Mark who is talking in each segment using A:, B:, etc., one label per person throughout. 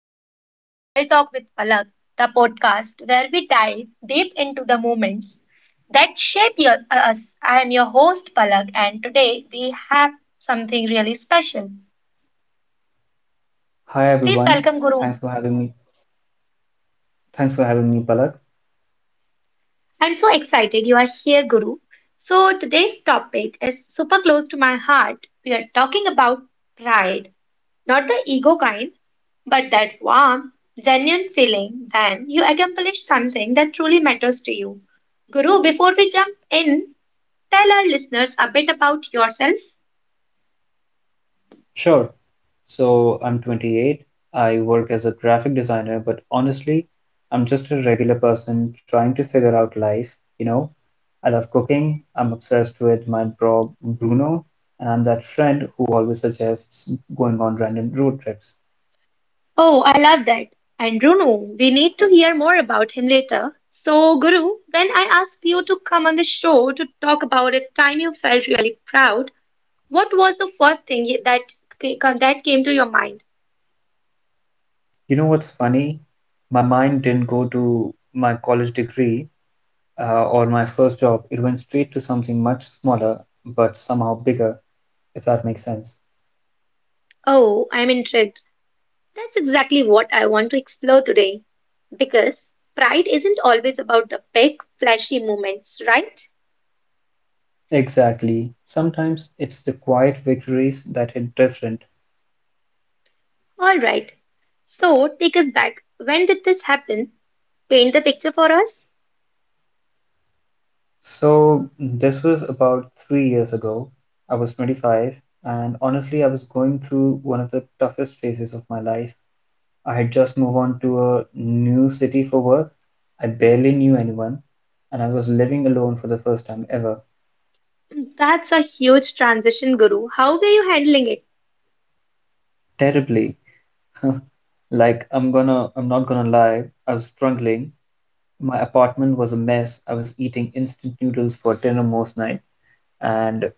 A: welcome back to Real Talk with Palak, the podcast where we dive deep into the moments that shape your, us. I am your host Palak, and today we have something really special.
B: Hi
A: Please
B: everyone.
A: welcome Guru.
B: Thanks for having me. Thanks for having me, Palak.
A: I'm so excited you are here, Guru. So today's topic is super close to my heart. We are talking about pride. Not the ego kind, but that warm, genuine feeling when you accomplish something that truly matters to you. Guru, before we jump in, tell our listeners a bit about yourself.
B: Sure. So I'm 28. I work as a graphic designer, but honestly, I'm just a regular person trying to figure out life, you know. I love cooking. I'm obsessed with my bro Bruno, and I'm that friend who always suggests going on random road trips.
A: Oh, I love that. And Runu, we need to hear more about him later. So, Guru, when I asked you to come on the show to talk about a time you felt really proud, what was the first thing that came to your mind?
B: You know what's funny? My mind didn't go to my college degree, or my first job. It went straight to something much smaller but somehow bigger, if that makes sense.
A: Oh, I'm intrigued. That's exactly what I want to explore today. Because pride isn't always about the big, flashy moments, right?
B: Exactly. Sometimes it's the quiet victories that hit different.
A: Alright, so take us back. When did this happen? Paint the picture for us.
B: So, this was about 3 years ago. I was 25, and honestly, I was going through one of the toughest phases of my life. I had just moved on to a new city for work. I barely knew anyone, and I was living alone for the first time ever.
A: That's a huge transition, Guru. How were you handling it?
B: Terribly. Like, I'm not gonna lie, I was struggling. My apartment was a mess. I was eating instant noodles for dinner most nights, and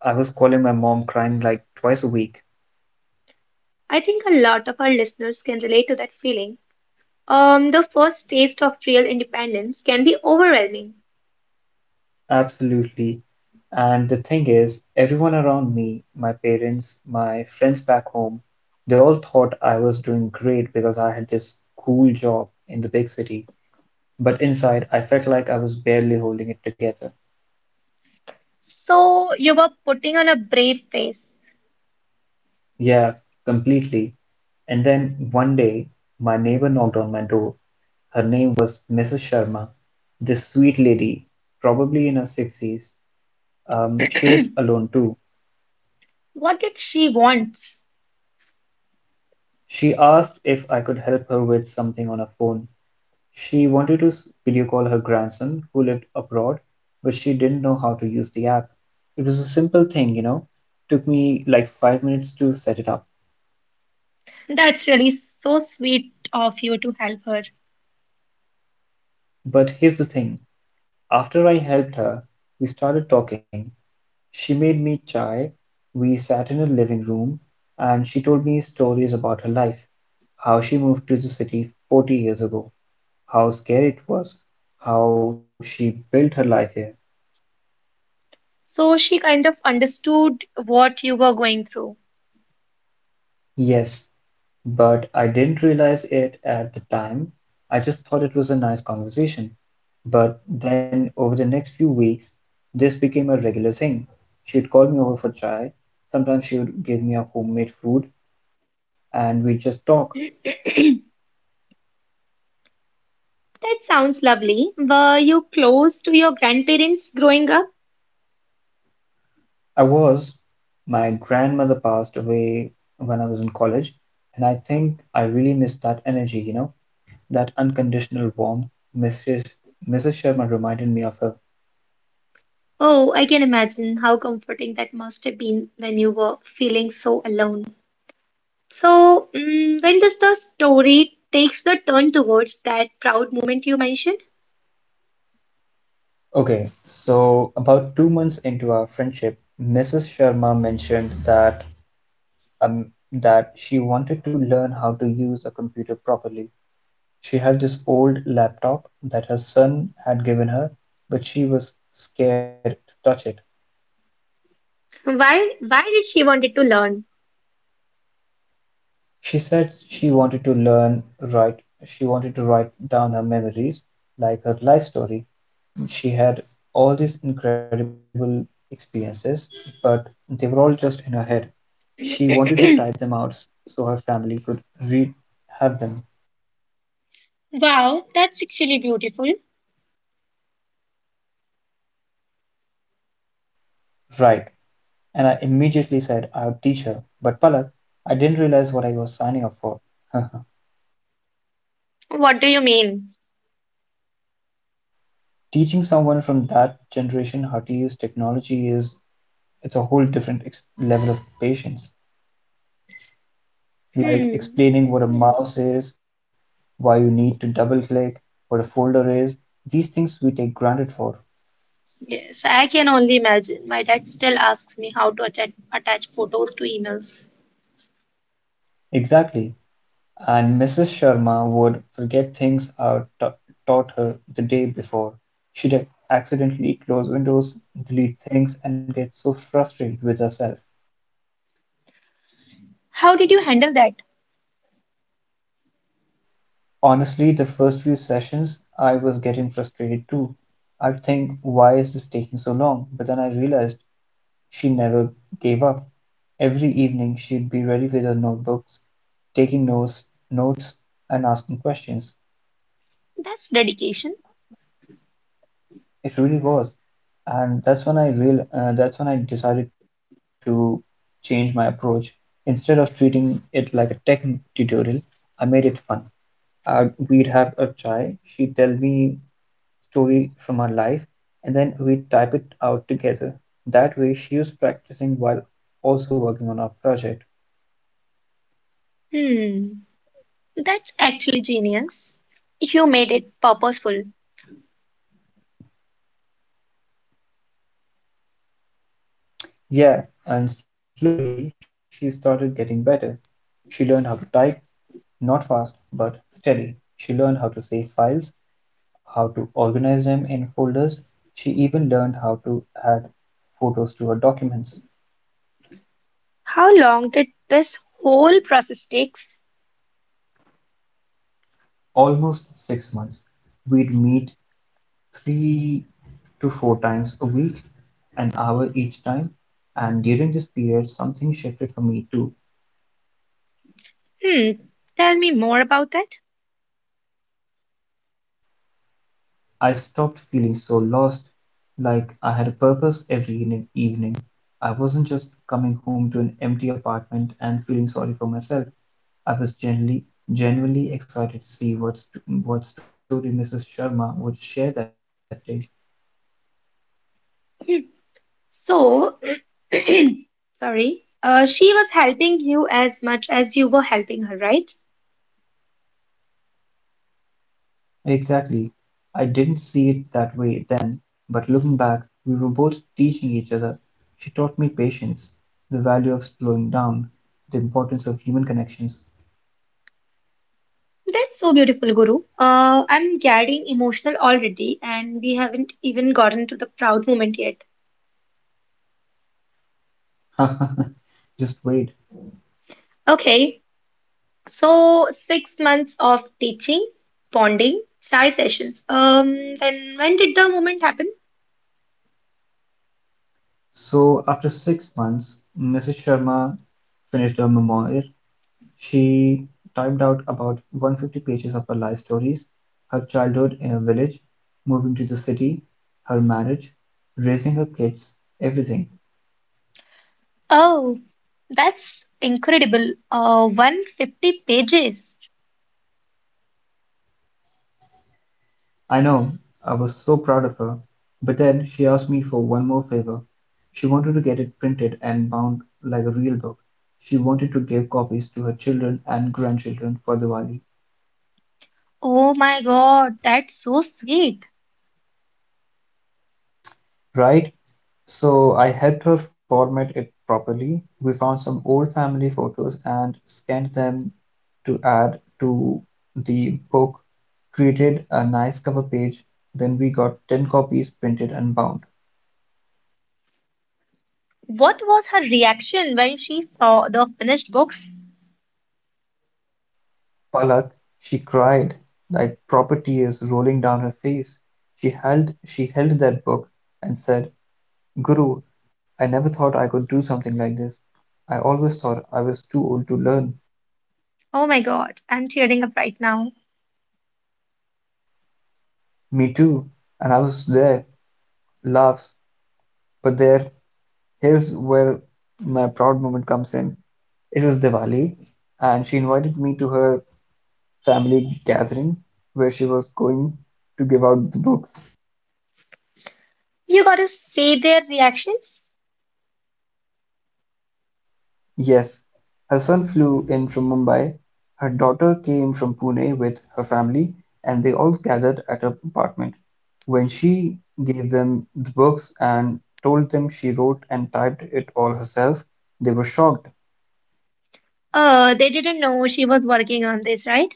B: I was calling my mom crying like twice a week.
A: I think a lot of our listeners can relate to that feeling. The first taste of real independence can be overwhelming.
B: Absolutely. And the thing is, everyone around me, my parents, my friends back home, they all thought I was doing great because I had this cool job in the big city. But inside, I felt like I was barely holding it together.
A: So you were putting on a brave face.
B: Yeah, completely. And then one day, my neighbor knocked on my door. Her name was Mrs. Sharma, this sweet lady, probably in her 60s. She lived alone too.
A: What did she want?
B: She asked if I could help her with something on her phone. She wanted to video call her grandson who lived abroad, but she didn't know how to use the app. It was a simple thing. Took me like 5 minutes to set it up.
A: That's really so sweet of you to help her.
B: But here's the thing. After I helped her, we started talking. She made me chai, we sat in her living room, and she told me stories about her life, how she moved to the city 40 years ago, how scary it was, how she built her life here.
A: So she kind of understood what you were going through.
B: Yes, but I didn't realize it at the time. I just thought it was a nice conversation. But then over the next few weeks, this became a regular thing. She'd call me over for chai. Sometimes she would give me a homemade food, and we'd just talk.
A: That sounds lovely. Were you close to your grandparents growing up?
B: I was. My grandmother passed away when I was in college, and I think I really missed that energy, that unconditional warmth. Mrs. Mrs. Sharma reminded me of her.
A: Oh, I can imagine how comforting that must have been when you were feeling so alone. So, when does the story takes the turn towards that proud moment you mentioned?
B: Okay, so about 2 months into our friendship, Mrs. Sharma mentioned um that she wanted to learn how to use a computer properly. She had this old laptop that her son had given her, but she was scared to touch it.
A: Why did she wanted to learn?
B: She said she wanted to write down her memories, like her life story. She had all these incredible experiences, but they were all just in her head. She wanted to type them out so her family could read have them,
A: Wow, that's actually beautiful.
B: right? And I immediately said I would teach her. But Palak, I didn't realize what I was signing up for.
A: What do you mean?
B: Teaching someone from that generation how to use technology is it's a whole different level of patience. Like
A: Hmm.
B: explaining what a mouse is, why you need to double click, what a folder is, these things we take granted for.
A: Yes, I can only imagine. My dad still asks me how to attach photos to emails.
B: Exactly. And Mrs. Sharma would forget things I taught her the day before. She'd accidentally close windows, delete things, and get so frustrated with herself.
A: How did you handle that?
B: Honestly, the first few sessions, I was getting frustrated too. I'd think, why is this taking so long? But then I realized she never gave up. Every evening she'd be ready with her notebooks, taking notes and asking questions.
A: That's dedication.
B: It really was, and that's when I real that's when I decided to change my approach. Instead of treating it like a tech tutorial, I made it fun. We'd have a chai. She'd tell me story from her life, and then we'd type it out together. That way, she was practicing while also working on our project.
A: Hmm. That's actually genius. You made it purposeful.
B: Yeah, and slowly she started getting better. She learned how to type, not fast, but steady. She learned how to save files, how to organize them in folders. She even learned how to add photos to her documents.
A: How long did this whole process takes?
B: Almost 6 months. We'd meet 3 to 4 times a week, an hour each time. And during this period, something shifted for me too.
A: Hmm. Tell me more about that.
B: I stopped feeling so lost, like I had a purpose every evening. I wasn't just coming home to an empty apartment and feeling sorry for myself. I was genuinely excited to see what story Mrs. Sharma would share that day.
A: So, sorry. She was helping you as much as you were helping her, right?
B: Exactly. I didn't see it that way then, but looking back, we were both teaching each other. She taught me patience, the value of slowing down, the importance of human connections.
A: That's so beautiful, Guru. I'm getting emotional already, and we haven't even gotten to the proud moment yet.
B: Just wait.
A: Okay, so 6 months of teaching, bonding, side sessions. Then when did the moment happen?
B: So after 6 months, Mrs. Sharma finished her memoir. She typed out about 150 pages of her life stories, her childhood in a village, moving to the city, her marriage, raising her kids, everything.
A: Oh, that's incredible. 150 pages.
B: I know, I was so proud of her. But then she asked me for one more favor. She wanted to get it printed and bound like a real book. She wanted to give copies to her children and grandchildren for Diwali.
A: Oh my God, that's so sweet.
B: Right? So I helped her format it properly. We found some old family photos and scanned them to add to the book, created a nice cover page. Then we got 10 copies printed and bound.
A: What was her reaction when she saw the finished books?
B: Palak, she cried like proper tears rolling down her face. She held that book and said, "Guru, I never thought I could do something like this. I always thought I was too old to learn."
A: Oh my God, I'm tearing up right now.
B: Me too, and I was there laughs. But here's where my proud moment comes in. It was Diwali, and she invited me to her family gathering where she was going to give out the books.
A: You got to see their reactions.
B: Yes, her son flew in from Mumbai, her daughter came from Pune with her family, and they all gathered at her apartment. When she gave them the books and told them she wrote and typed it all herself, they were shocked.
A: They didn't know she was working on this, right?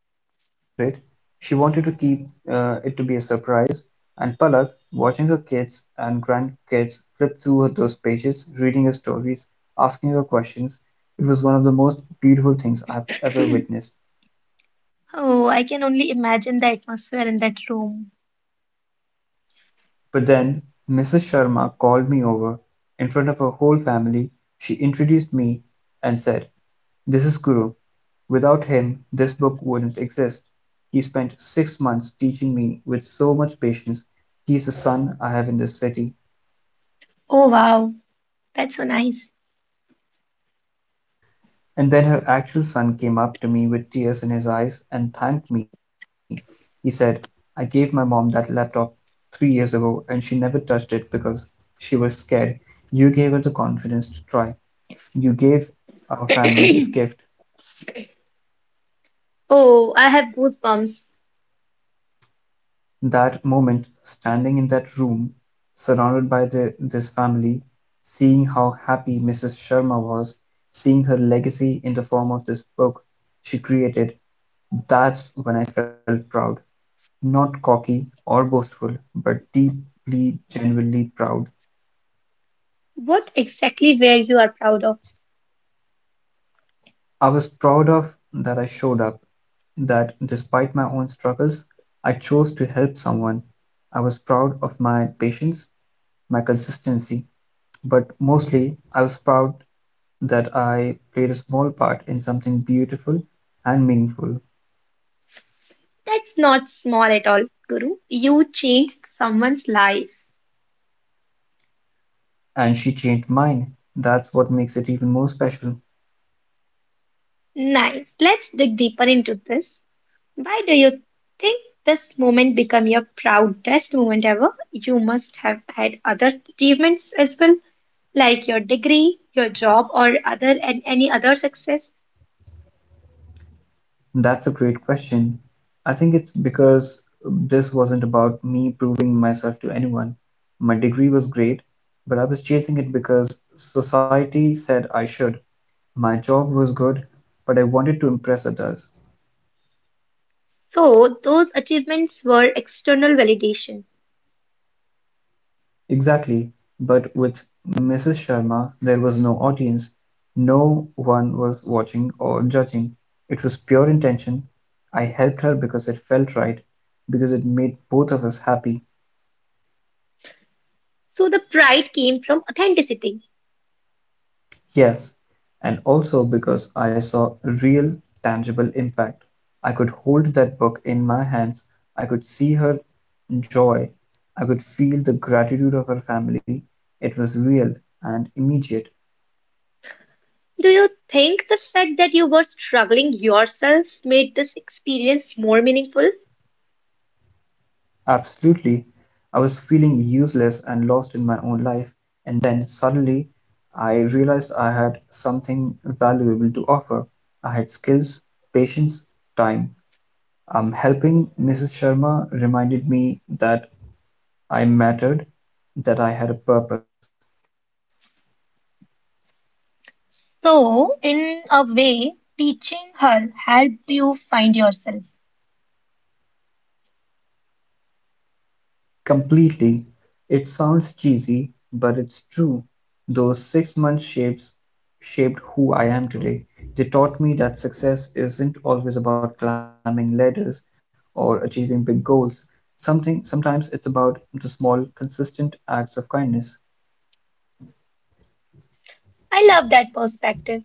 B: She kept it a secret, she wanted to keep it to be a surprise, and Palak, watching her kids and grandkids flip through those pages, reading her stories, asking her questions, it was one of the most beautiful things I've ever witnessed.
A: Oh, I can only imagine the atmosphere in that room.
B: But then Mrs. Sharma called me over in front of her whole family, she introduced me, and said, "This is Guru. Without him, this book wouldn't exist. He spent 6 months teaching me with so much patience. He's the son I have in this city."
A: Oh, wow. That's so nice.
B: And then her actual son came up to me with tears in his eyes and thanked me. He said, "I gave my mom that laptop 3 years ago and she never touched it because she was scared. You gave her the confidence to try. You gave our family this gift."
A: Oh, I have goosebumps.
B: That moment, standing in that room, surrounded by this family, seeing how happy Mrs. Sharma was, seeing her legacy in the form of this book she created, that's when I felt proud. Not cocky or boastful, but deeply, genuinely proud.
A: What exactly were you are proud of?
B: I was proud of that I showed up, that despite my own struggles, I chose to help someone. I was proud of my patience, my consistency. But mostly I was proud that I played a small part in something beautiful and meaningful.
A: That's not small at all, Guru. You changed someone's life.
B: And she changed mine. That's what makes it even more special.
A: Nice. Let's dig deeper into this. Why do you think this moment became your proudest moment ever? You must have had other achievements as well, like your degree, your job, or other and any other success.
B: That's a great question. I think it's because this wasn't about me proving myself to anyone. My degree was great, but I was chasing it because society said I should. My job was good, but I wanted to impress others.
A: So those achievements were external validation.
B: Exactly, but with Mrs. Sharma there was no audience, no one was watching or judging. It was pure intention. I helped her because it felt right, because it made both of us happy.
A: So the pride came from authenticity.
B: Yes, and also because I saw real, tangible impact. I could hold that book in my hands, I could see her joy, I could feel the gratitude of her family. It was real and immediate.
A: Do you think the fact that you were struggling yourself made this experience more meaningful?
B: Absolutely. I was feeling useless and lost in my own life, and then suddenly I realized I had something valuable to offer. I had skills, patience, time. Helping Mrs. Sharma reminded me that I mattered, that I had a purpose.
A: So, in a way, teaching her helped you find yourself.
B: Completely, it sounds cheesy, but it's true. Those 6 months shapes shaped who I am today. They taught me that success isn't always about climbing ladders or achieving big goals. Something sometimes it's about the small, consistent acts of kindness
A: I love that perspective.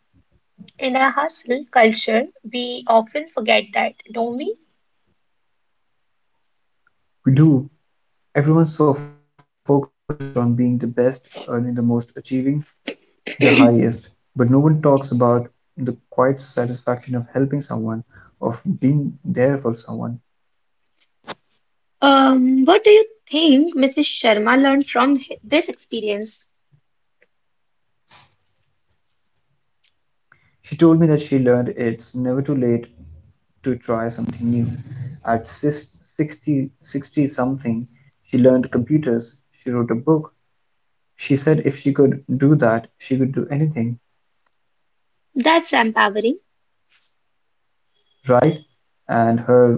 A: In our hustle culture, we often forget that, don't we?
B: we do. Everyone's so focused on being the best, earning the most, achieving the highest, but no one talks about the quiet satisfaction of helping someone, of being there for someone.
A: What do you think Mrs. Sharma learned from this experience?
B: She told me that she learned it's never too late to try something new. At 60, 60 something, she learned computers, she wrote a book. She said if she could do that, she could do anything,
A: That's empowering.
B: right? And her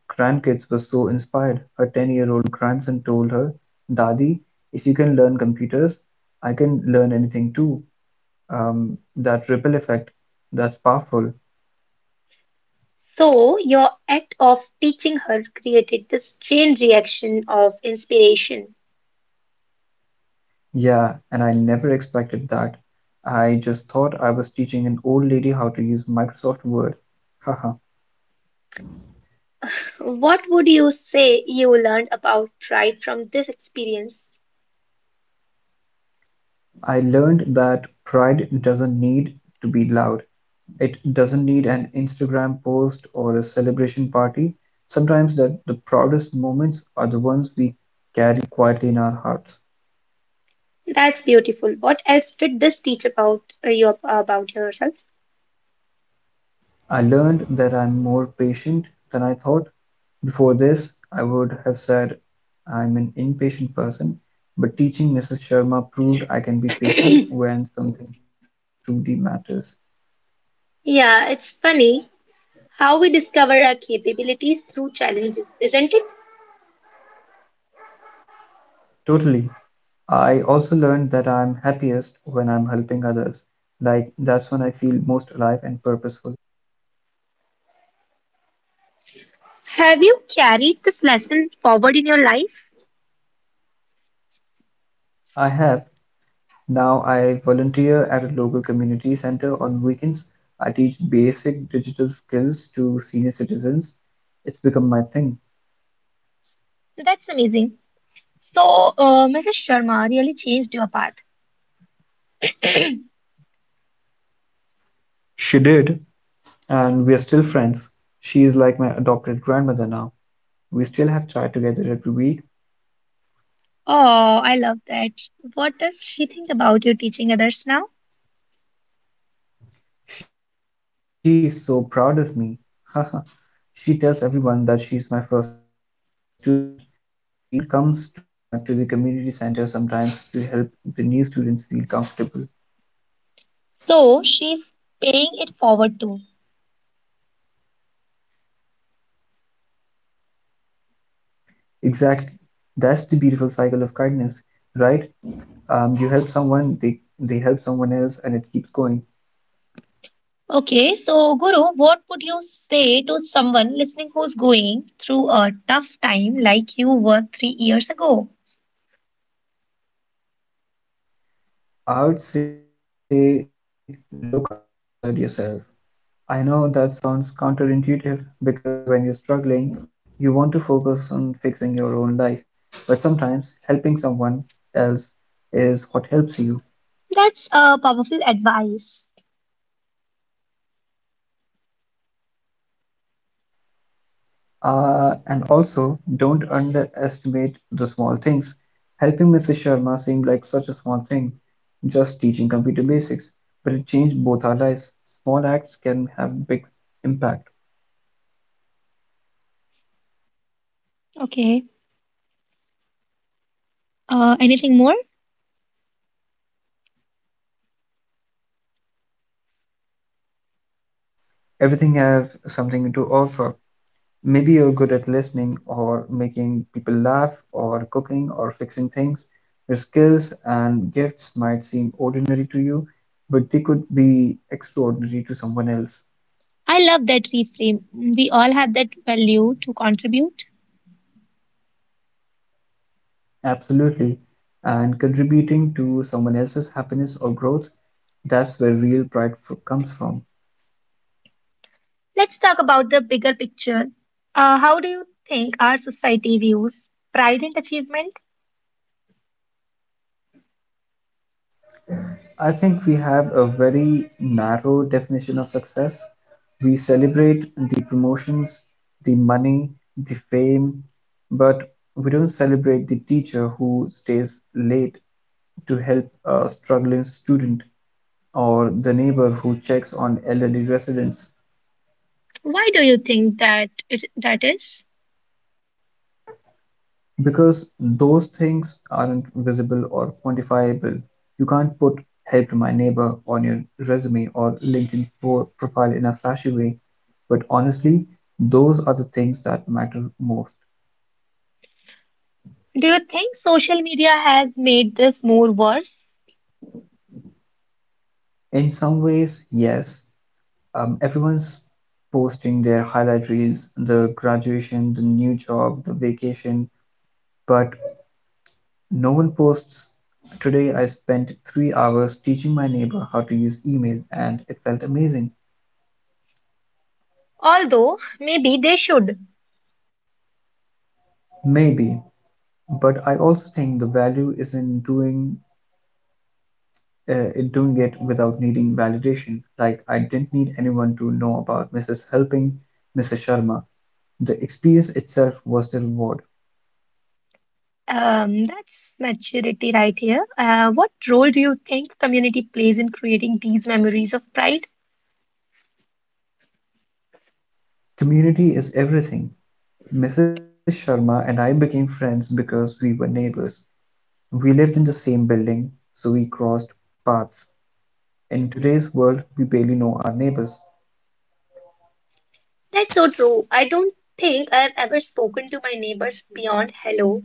B: grandkids were so inspired. Her 10-year-old year old grandson told her, Dadi, if you can learn computers, I can learn anything too. That ripple effect, that's powerful.
A: So, your act of teaching her created this chain reaction of inspiration.
B: Yeah, and I never expected that. I just thought I was teaching an old lady how to use Microsoft Word. Haha.
A: What would you say you learned about pride from this experience?
B: I learned that pride doesn't need to be loud. It doesn't need an Instagram post or a celebration party. Sometimes that the proudest moments are the ones we carry quietly in our hearts.
A: That's beautiful. What else did this teach about you about yourself?
B: I learned that I'm more patient than I thought. Before this, I would have said I'm an impatient person, but teaching Mrs. Sharma proved I can be patient when something truly matters.
A: Yeah, it's funny how we discover our capabilities through challenges, isn't it?
B: Totally. I also learned that I'm happiest when I'm helping others. Like, that's when I feel most alive and purposeful.
A: Have you carried this lesson forward in your life?
B: I have. Now I volunteer at a local community center on weekends. I teach basic digital skills to senior citizens. It's become my thing.
A: That's amazing. So, Mrs. Sharma really changed your path.
B: She did, and we're still friends. She is like my adopted grandmother now. We still have chai together every week.
A: Oh, I love that. What does she think about you teaching others now?
B: She is so proud of me. Haha. She tells everyone that she is my first student. She even comes to the community center sometimes to help the new students feel comfortable.
A: So, she's paying it forward too.
B: Exactly. That's the beautiful cycle of kindness, right? You help someone, they help someone else, and it keeps going.
A: Okay, so Guru, what would you say to someone listening who's going through a tough time like you were 3 years ago?
B: I would say look outside yourself. I know that sounds counterintuitive because when you're struggling, you want to focus on fixing your own life. But sometimes helping someone else is what helps you.
A: That's a powerful advice.
B: And also, don't underestimate the small things. Helping Mrs. Sharma seemed like such a small thing, just teaching computer basics, but it changed both our lives. Small acts can have big impact.
A: Okay. Anything more?
B: Everything have something to offer. Maybe you're good at listening or making people laugh or cooking or fixing things. Your skills and gifts might seem ordinary to you, but they could be extraordinary to someone else.
A: I love that reframe. We all have that value to contribute.
B: Absolutely. And contributing to someone else's happiness or growth, that's where real pride f comes from.
A: Let's talk about the bigger picture. How do you think our society views pride and achievement?
B: I think we have a very narrow definition of success. We celebrate the promotions, the money, the fame, but we don't celebrate the teacher who stays late to help a struggling student or the neighbor who checks on elderly residents.
A: Why do you think that is?
B: Because those things aren't visible or quantifiable, you can't put "helped my neighbor" on your resume or LinkedIn profile in a flashy way. But honestly, those are the things that matter most.
A: Do you think social media has made this more worse?
B: In some ways, yes, everyone's posting their highlight reels, the graduation, the new job, the vacation, but no one posts. Today, I spent 3 hours teaching my neighbor how to use email, and it felt amazing.
A: Although maybe they should.
B: Maybe. But I also think the value is in doing it without needing validation. Like I didn't need anyone to know about Mrs. Helping, Mrs. Sharma. The experience itself was the reward.
A: That's maturity right here. What role do you think community plays in creating these memories of pride?
B: Community is everything. Mrs. Sharma and I became friends because we were neighbors. We lived in the same building, so we crossed paths. In today's world, we barely know our neighbors.
A: That's so true. I don't think I've ever spoken to my neighbors beyond hello.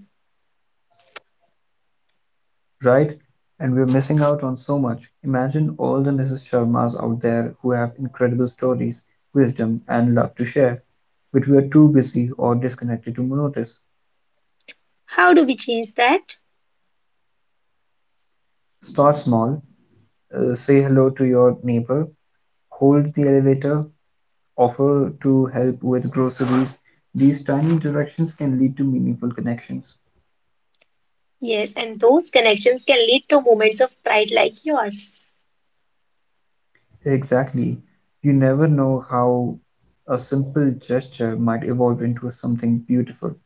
B: Right? And we're missing out on so much. Imagine all the Mrs. Sharmas out there who have incredible stories, wisdom, and love to share, but we are too busy or disconnected to notice.
A: How do we change that?
B: Start small, say hello to your neighbor, hold the elevator, offer to help with groceries. These tiny interactions can lead to meaningful connections.
A: Yes, and those connections can lead to moments of pride like yours.
B: Exactly. You never know how a simple gesture might evolve into something beautiful.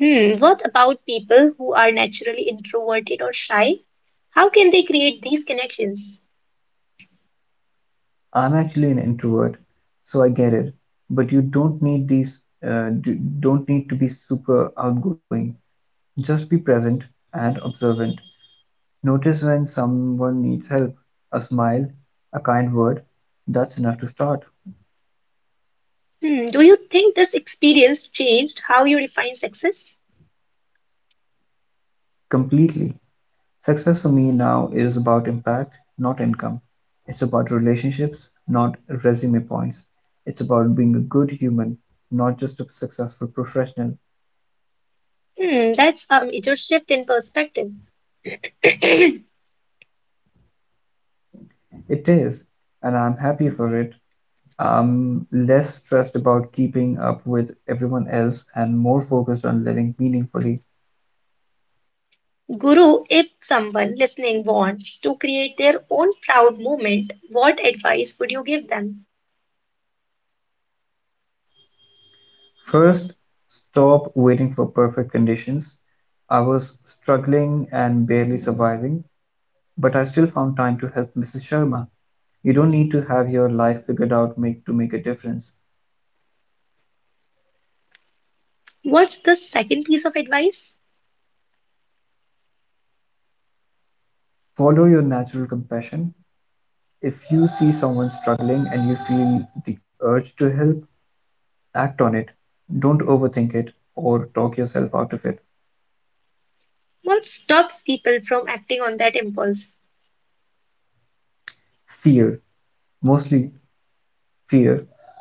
A: Hmm, what about people who are naturally introverted or shy? How can they create these connections?
B: I'm actually an introvert, so I get it. But you don't need don't need to be super outgoing. Just be present and observant. Notice when someone needs help, a smile, a kind word. That's enough to start
A: Hmm, do you think this experience changed how you define success?
B: completely. Success for me now is about impact, not income. It's about relationships, not resume points. It's about being a good human, not just a successful professional.
A: Hmm, that's a major shift in perspective.
B: It is, and I'm happy for it. I'm less stressed about keeping up with everyone else and more focused on living meaningfully.
A: Guru, if someone listening wants to create their own proud moment, what advice would you give them?
B: First, stop waiting for perfect conditions. I was struggling and barely surviving, but I still found time to help Mrs. Sharma. You don't need to have your life figured to make a difference.
A: What's the second piece of advice?
B: Follow your natural compassion. If you see someone struggling and you feel the urge to help, act on it. Don't overthink it or talk yourself out of it.
A: What stops people from acting on that impulse?
B: Fear. Mostly fear,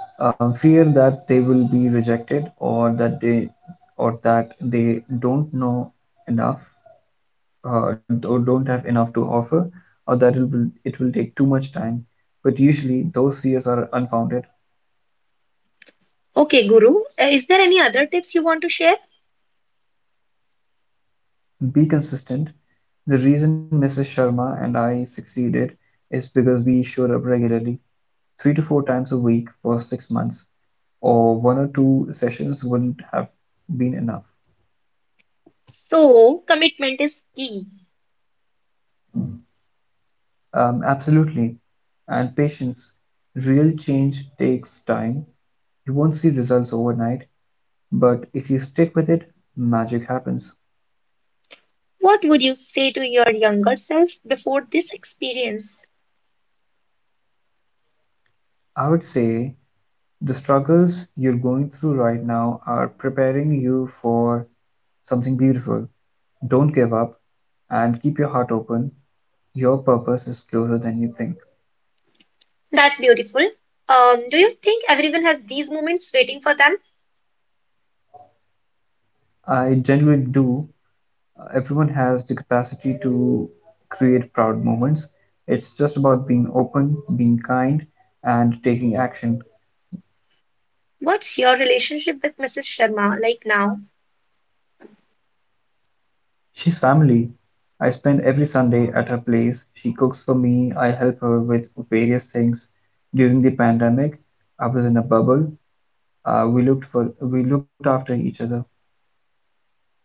B: fear that they will be rejected or that they don't know enough or don't have enough to offer, or that it will take too much time. But usually those fears are unfounded.
A: Okay, Guru, is there any other tips you want to share?
B: Be consistent. The reason Mrs. Sharma and I succeeded is because we showed up regularly, three to four times a week for 6 months, or one or two sessions wouldn't have been enough.
A: So, commitment is key.
B: Absolutely. And patience. Real change takes time. You won't see results overnight, but if you stick with it, magic happens.
A: What would you say to your younger self before this experience?
B: I would say the struggles you're going through right now are preparing you for something beautiful. Don't give up and keep your heart open. Your purpose is closer than you think.
A: That's beautiful. Do you think everyone has these moments waiting for them?
B: I genuinely do. Everyone has the capacity to create proud moments. It's just about being open, being kind, and taking action.
A: What's your relationship with Mrs. Sharma like now?
B: She's family. I spend every Sunday at her place. She cooks for me. I help her with various things. During the pandemic, I was in a bubble. We looked after each other.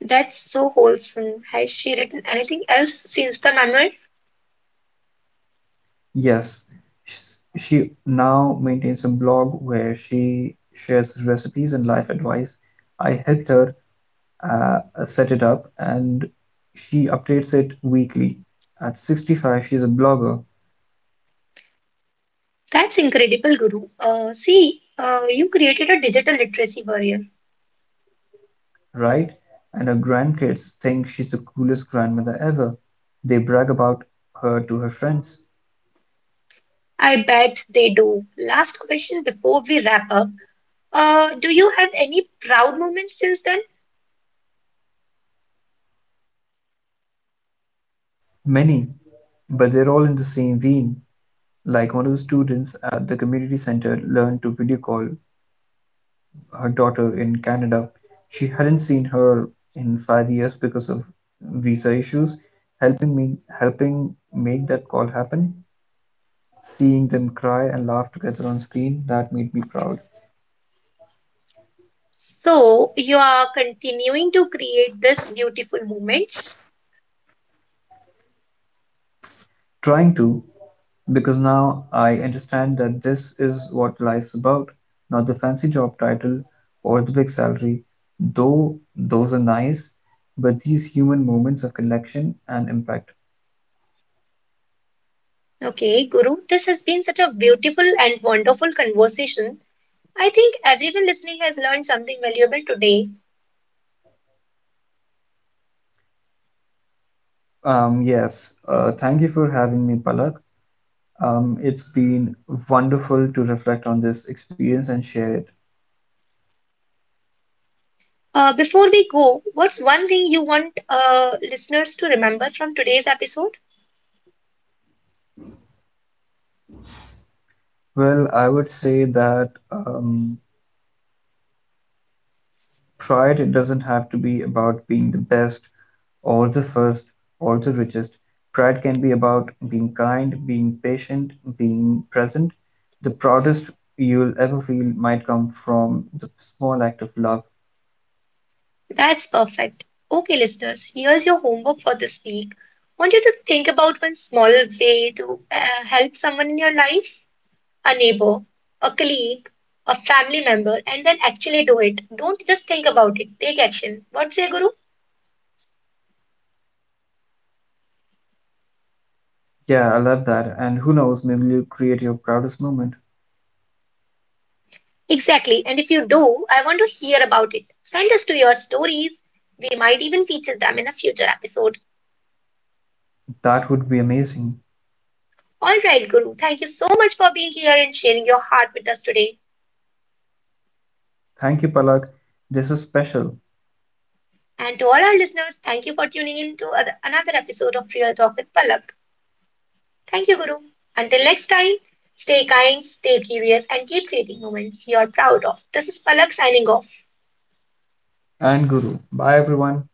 A: That's so wholesome. Has she written anything else since the manual?
B: Yes, she now maintains a blog where she shares recipes and life advice. I helped her uh, set it up and she updates it weekly. At 65, she's a blogger,
A: That's incredible, Guru. You created a digital literacy barrier.
B: right? And her grandkids think she's the coolest grandmother ever. They brag about her to her friends.
A: I bet they do. Last question before we wrap up. Do you have any proud moments since then?
B: Many, but they're all in the same vein. Like one of the students at the community center learned to video call her daughter in Canada. She hadn't seen her in 5 years because of visa issues. Helping make that call happen, seeing them cry and laugh together on screen, that made me proud.
A: So you are continuing to create this beautiful moments.
B: Trying to, because now I understand that this is what life's about, not the fancy job title or the big salary, though those are nice, but these human moments of connection and impact.
A: Okay, Guru, this has been such a beautiful and wonderful conversation. I think everyone listening has learned something valuable today.
B: Yes, thank you for having me, Palak. It's been wonderful to reflect on this experience and share it.
A: Before we go, what's one thing you want listeners to remember from today's episode?
B: Well, I would say that pride it doesn't have to be about being the best or the first or the richest. Pride can be about being kind, being patient, being present. The proudest you'll ever feel might come from the small act of love.
A: That's perfect. Okay, listeners, here's your homework for this week. Want you to think about one small way to help someone in your life, a neighbor, a colleague, a family member, and then actually do it. Don't just think about it, take action. What say, Guru?
B: Yeah, I love that. And who knows, maybe you'll create your proudest moment.
A: Exactly, and if you do, I want to hear about it. Send us to your stories. We might even feature them in a future episode.
B: That would be amazing.
A: All right, Guru, thank you so much for being here and sharing your heart with us today.
B: Thank you, Palak. This is special.
A: And to all our listeners, thank you for tuning in to another episode of Real Talk with Palak. Thank you, Guru. Until next time, stay kind, stay curious, and keep creating moments you're proud of. This is Palak signing off.
B: And Guru. Bye everyone.